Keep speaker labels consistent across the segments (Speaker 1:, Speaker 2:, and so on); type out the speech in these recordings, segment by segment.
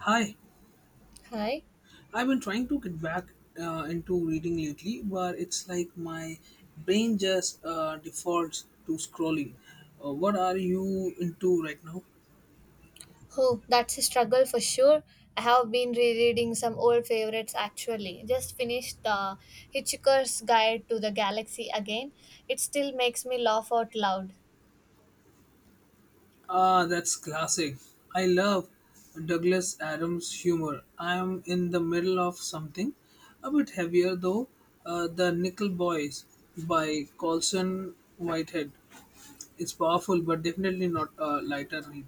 Speaker 1: Hi,
Speaker 2: Hi.
Speaker 1: I've been trying to get back into reading lately, but it's like my brain just defaults to scrolling. What are you into right now?
Speaker 2: Oh, that's a struggle for sure. I have been rereading some old favorites actually. Just finished The Hitchhiker's Guide to the Galaxy again. It still makes me laugh out loud.
Speaker 1: Ah, that's classic. I love Douglas Adams' humor. I am in the middle of something a bit heavier though. The Nickel Boys by Colson Whitehead. It's powerful, but definitely not a lighter read.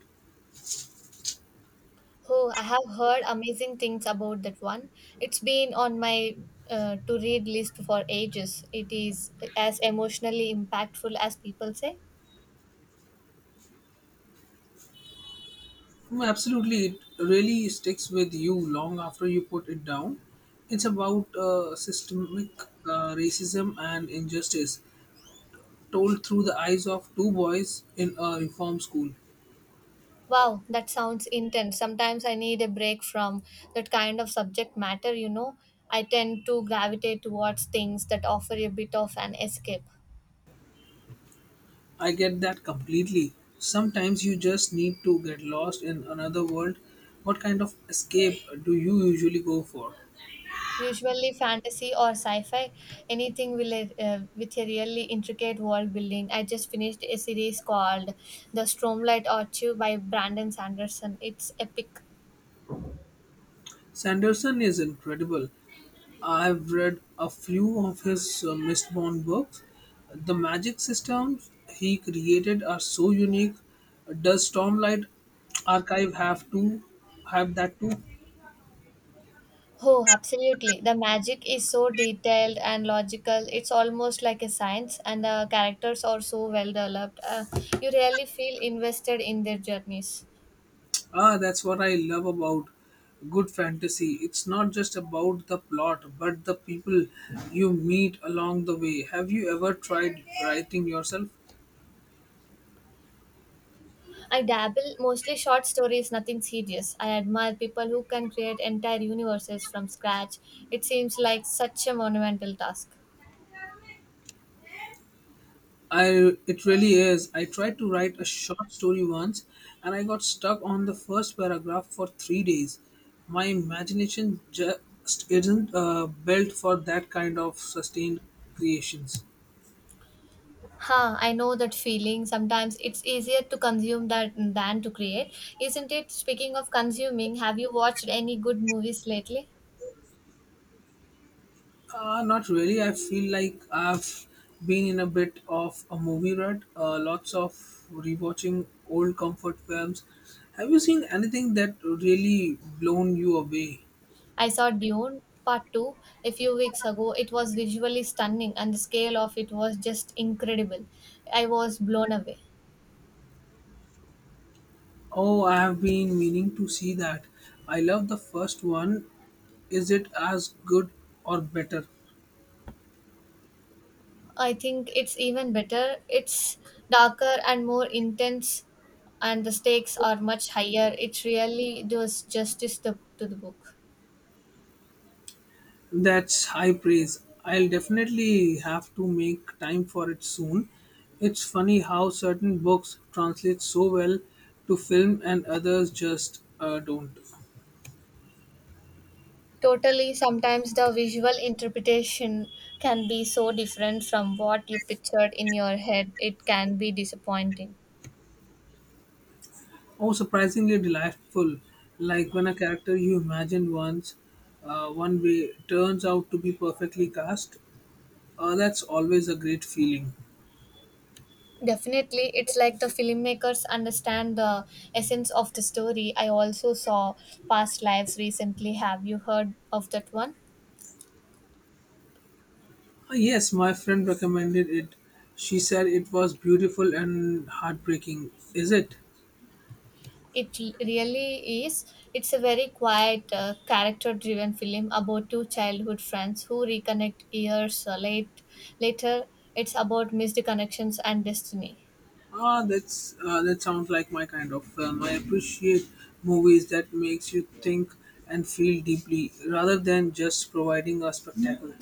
Speaker 2: Oh, I have heard amazing things about that one. It's been on my to read list for ages. It is as emotionally impactful as people say.
Speaker 1: Mm, absolutely, it really sticks with you long after you put it down. It's about systemic racism and injustice told through the eyes of two boys in a reform school.
Speaker 2: Wow, that sounds intense. Sometimes I need a break from that kind of subject matter. I tend to gravitate towards things that offer a bit of an escape.
Speaker 1: I get that completely. Sometimes you just need to get lost in another world. What kind of escape do you usually go for?
Speaker 2: Usually fantasy or sci-fi, anything with a really intricate world building. I just finished a series called The Stormlight Archive by Brandon Sanderson. It's epic.
Speaker 1: Sanderson is incredible. I've read a few of his Mistborn books. The magic systems he created are so unique. Does Stormlight Archive have to have that too?
Speaker 2: Oh, absolutely. The magic is so detailed and logical. It's almost like a science, and the characters are so well developed. You really feel invested in their journeys.
Speaker 1: Ah, that's what I love about good fantasy. It's not just about the plot, but the people you meet along the way. Have you ever tried writing yourself?
Speaker 2: I dabble mostly short stories, nothing serious. I admire people who can create entire universes from scratch. It seems like such a monumental task.
Speaker 1: I It really is. I tried to write a short story once and I got stuck on the first paragraph for 3 days. My imagination just isn't built for that kind of sustained creations.
Speaker 2: Ha, I know that feeling. Sometimes it's easier to consume that than to create, isn't it? Speaking of consuming, have you watched any good movies lately?
Speaker 1: Not really. I feel like I've been in a bit of a movie rut. Lots of rewatching old comfort films. Have you seen anything that really blown you away?
Speaker 2: I saw Dune Part 2 a few weeks ago. It was visually stunning and the scale of it was just incredible. I was blown away.
Speaker 1: Oh, I have been meaning to see that. I love the first one. Is it as good or better?
Speaker 2: I think it's even better. It's darker and more intense, and the stakes are much higher. It really does justice to the book.
Speaker 1: That's high praise. I'll definitely have to make time for it soon. It's funny how certain books translate so well to film and others just don't.
Speaker 2: Totally, sometimes the visual interpretation can be so different from what you pictured in your head, it can be disappointing.
Speaker 1: Oh, surprisingly delightful. Like when a character you imagined once one way turns out to be perfectly cast, that's always a great feeling.
Speaker 2: Definitely, it's like the filmmakers understand the essence of the story. I also saw Past Lives recently. Have you heard of that one?
Speaker 1: Ah, yes, my friend recommended it. She said it was beautiful and heartbreaking. Is it?
Speaker 2: Really is. It's a very quiet, character driven film about two childhood friends who reconnect later. It's about missed connections and destiny.
Speaker 1: That sounds like my kind of film. I appreciate movies that makes you think and feel deeply rather than just providing a spectacle.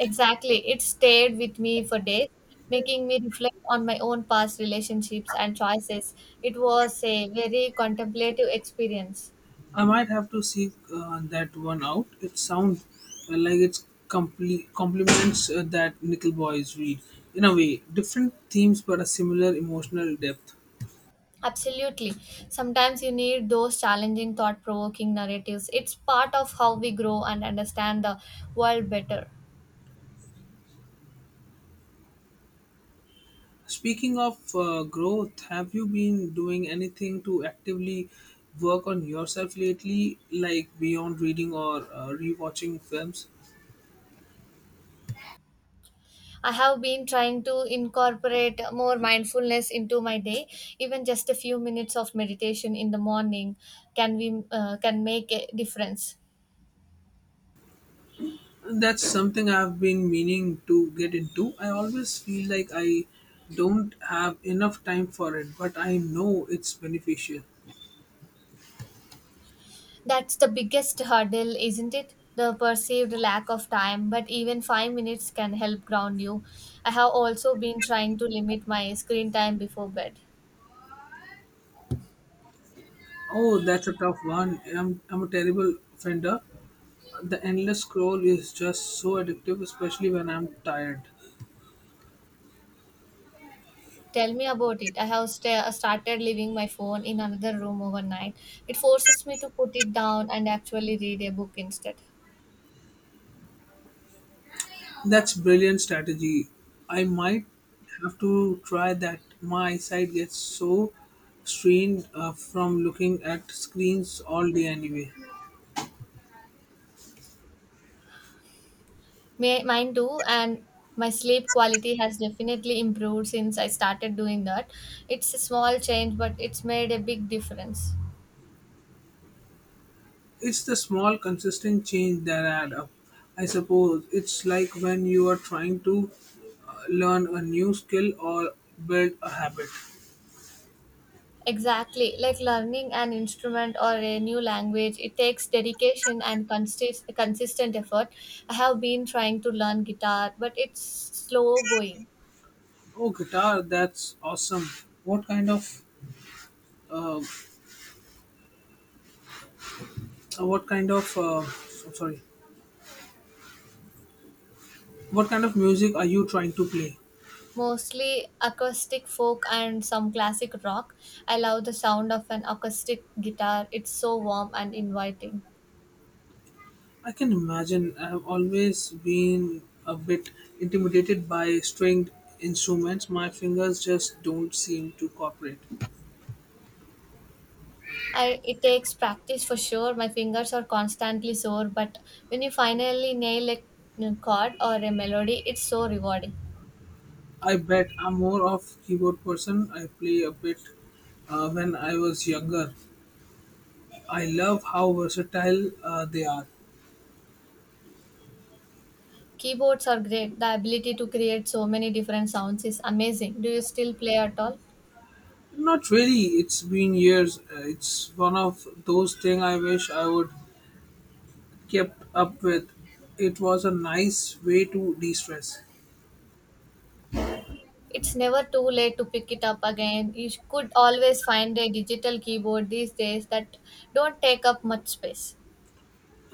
Speaker 2: Exactly. It stayed with me for days, making me reflect on my own past relationships and choices. It was a very contemplative experience.
Speaker 1: I might have to seek that one out. It sounds like it's complete complements that Nickel Boys read in a way. Different themes but a similar emotional depth.
Speaker 2: Absolutely. Sometimes you need those challenging, thought provoking narratives. It's part of how we grow and understand the world better.
Speaker 1: Speaking of growth, have you been doing anything to actively work on yourself lately, like beyond reading or rewatching films?
Speaker 2: I have been trying to incorporate more mindfulness into my day. Even just a few minutes of meditation in the morning can make a difference.
Speaker 1: That's something I've been meaning to get into. I always feel like I don't have enough time for it, but I know it's beneficial.
Speaker 2: That's the biggest hurdle, isn't it? The perceived lack of time, but even 5 minutes can help ground you. I have also been trying to limit my screen time before bed.
Speaker 1: Oh, that's a tough one. I'm a terrible offender. The endless scroll is just so addictive, especially when I'm tired.
Speaker 2: Tell me about it. I have started leaving my phone in another room overnight. It forces me to put it down and actually read a book instead.
Speaker 1: That's brilliant strategy. I might have to try that. My eyesight gets so strained from looking at screens all day anyway.
Speaker 2: May mine too, and my sleep quality has definitely improved since I started doing that. It's a small change, but it's made a big difference.
Speaker 1: It's the small consistent change that add up. I suppose it's like when you are trying to learn a new skill or build a habit.
Speaker 2: Exactly, like learning an instrument or a new language, it takes dedication and consistent effort. I have been trying to learn guitar, but it's slow going.
Speaker 1: Oh, guitar! That's awesome. What kind of uh, what kind of I'm sorry? What kind of music are you trying to play?
Speaker 2: Mostly acoustic folk and some classic rock. I love the sound of an acoustic guitar. It's so warm and inviting.
Speaker 1: I can imagine. I've always been a bit intimidated by stringed instruments. My fingers just don't seem to cooperate.
Speaker 2: I It takes practice for sure. My fingers are constantly sore, but when you finally nail a chord or a melody, it's so rewarding.
Speaker 1: I bet I'm more of keyboard person. I play a bit when I was younger. I love how versatile they are.
Speaker 2: Keyboards are great. The ability to create so many different sounds is amazing. Do you still play at all?
Speaker 1: Not really. It's been years. It's one of those things I wish I would kept up with. It was a nice way to de-stress.
Speaker 2: It's never too late to pick it up again. You could always find a digital keyboard these days that don't take up much space.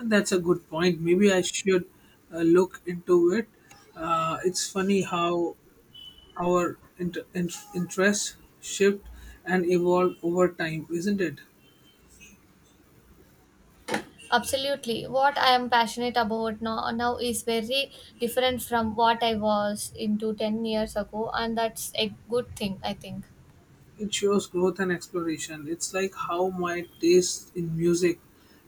Speaker 1: That's a good point. Maybe I should look into it. It's funny how our interests shift and evolve over time, isn't it?
Speaker 2: Absolutely. What I am passionate about now is very different from what I was into 10 years ago, and that's a good thing, I think.
Speaker 1: It shows growth and exploration. It's like how my taste in music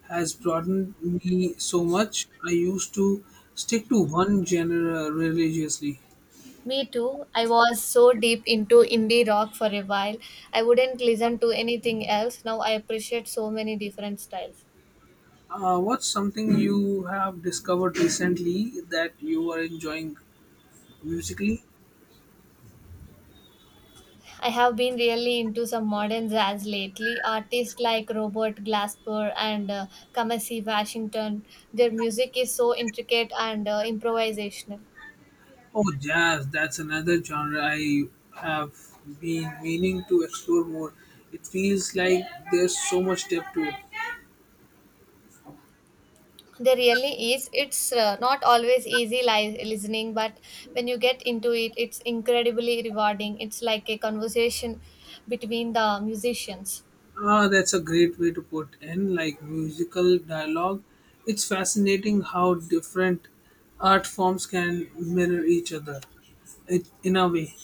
Speaker 1: has broadened me so much. I used to stick to one genre religiously.
Speaker 2: Me too. I was so deep into indie rock for a while. I wouldn't listen to anything else. Now I appreciate so many different styles.
Speaker 1: What's something you have discovered recently that you are enjoying musically?
Speaker 2: I have been really into some modern jazz lately. Artists like Robert Glasper and Kamasi Washington, their music is so intricate and improvisational.
Speaker 1: Oh, jazz, that's another genre I have been meaning to explore more. It feels like there's so much depth to it.
Speaker 2: There really is. It's not always easy listening, but when you get into it, it's incredibly rewarding. It's like a conversation between the musicians.
Speaker 1: Ah, that's a great way to put in, like musical dialogue. It's fascinating how different art forms can mirror each other in a way.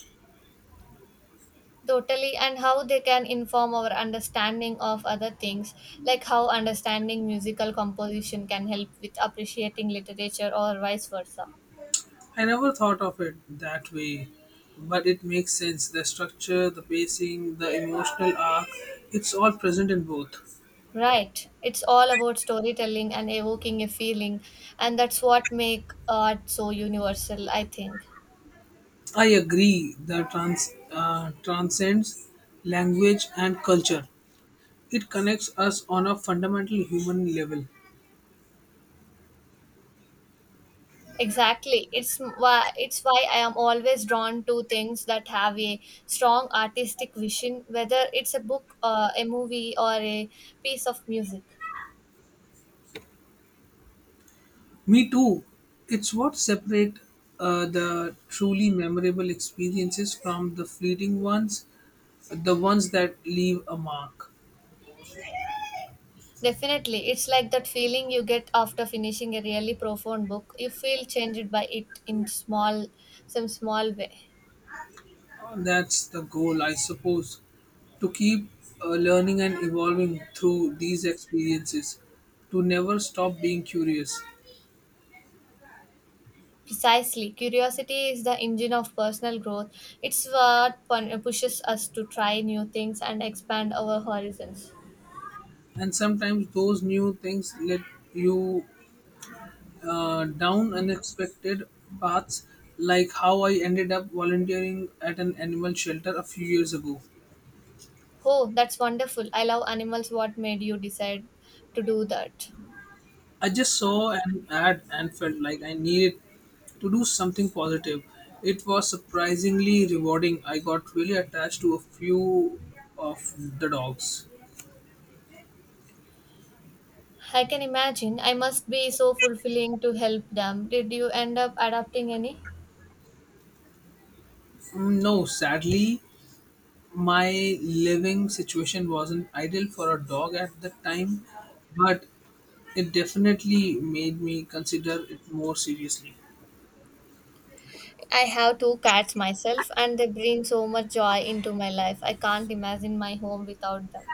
Speaker 2: Totally, and how they can inform our understanding of other things, like how understanding musical composition can help with appreciating literature or vice versa.
Speaker 1: I never thought of it that way, but it makes sense. The structure, the pacing, the emotional arc, it's all present in both.
Speaker 2: Right. It's all about storytelling and evoking a feeling, and that's what make art so universal, I think.
Speaker 1: I agree that transcends language and culture. It connects us on a fundamental human level.
Speaker 2: Exactly. It's why I am always drawn to things that have a strong artistic vision, whether it's a book, a movie, or a piece of music.
Speaker 1: Me too. It's what separates the truly memorable experiences from the fleeting ones, the ones that leave a mark.
Speaker 2: Definitely. It's like that feeling you get after finishing a really profound book. You feel changed by it in small some small way.
Speaker 1: That's the goal, I suppose, to keep learning and evolving through these experiences, to never stop being curious.
Speaker 2: Precisely. Curiosity is the engine of personal growth. It's what pushes us to try new things and expand our horizons.
Speaker 1: And sometimes those new things let you down unexpected paths, like how I ended up volunteering at an animal shelter a few years ago.
Speaker 2: Oh, that's wonderful. I love animals. What made you decide to do that?
Speaker 1: I just saw an ad and felt like I needed to do something positive. It was surprisingly rewarding. I got really attached to a few of the dogs.
Speaker 2: I can imagine. I must be so fulfilling to help them. Did you end up adopting any?
Speaker 1: Mm, no, sadly my living situation wasn't ideal for a dog at the time, but it definitely made me consider it more seriously.
Speaker 2: I have two cats myself, and they bring so much joy into my life. I can't imagine my home without them.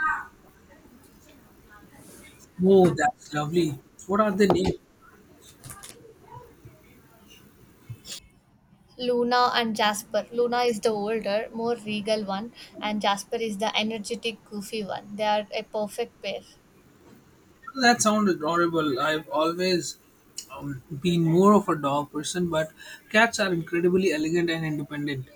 Speaker 1: Oh, that's lovely. What are the names?
Speaker 2: Luna and Jasper. Luna is the older, more regal one, and Jasper is the energetic, goofy one. They are a perfect pair.
Speaker 1: That sounded adorable. I've always been more of a dog person, but cats are incredibly elegant and independent.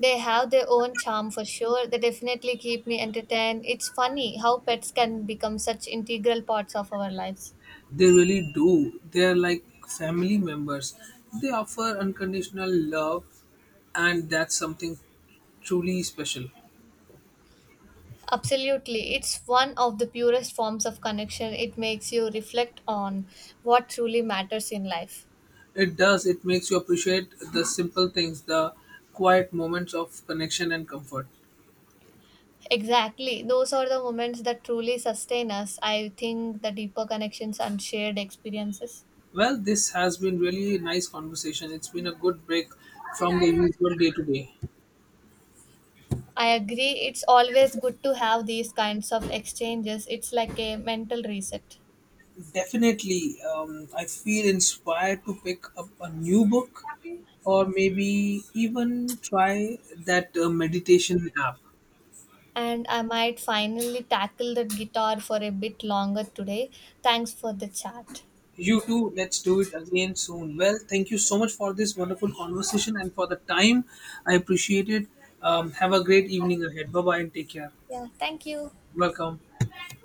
Speaker 2: They have their own charm for sure. They definitely keep me entertained. It's funny how pets can become such integral parts of our lives.
Speaker 1: They really do. They're like family members. They offer unconditional love, and that's something truly special.
Speaker 2: Absolutely. It's one of the purest forms of connection. It makes you reflect on what truly matters in life.
Speaker 1: It does. It makes you appreciate the simple things, the quiet moments of connection and comfort.
Speaker 2: Exactly. Those are the moments that truly sustain us. I think the deeper connections and shared experiences.
Speaker 1: Well, this has been really a nice conversation. It's been a good break from the usual day to day.
Speaker 2: I agree. It's always good to have these kinds of exchanges. It's like a mental reset.
Speaker 1: Definitely, I feel inspired to pick up a new book or maybe even try that meditation app.
Speaker 2: And I might finally tackle the guitar for a bit longer today. Thanks for the chat.
Speaker 1: You too, let's do it again soon. Well, thank you so much for this wonderful conversation and for the time. I appreciate it. Have a great evening ahead. Bye bye and take care.
Speaker 2: Yeah, thank you.
Speaker 1: Welcome.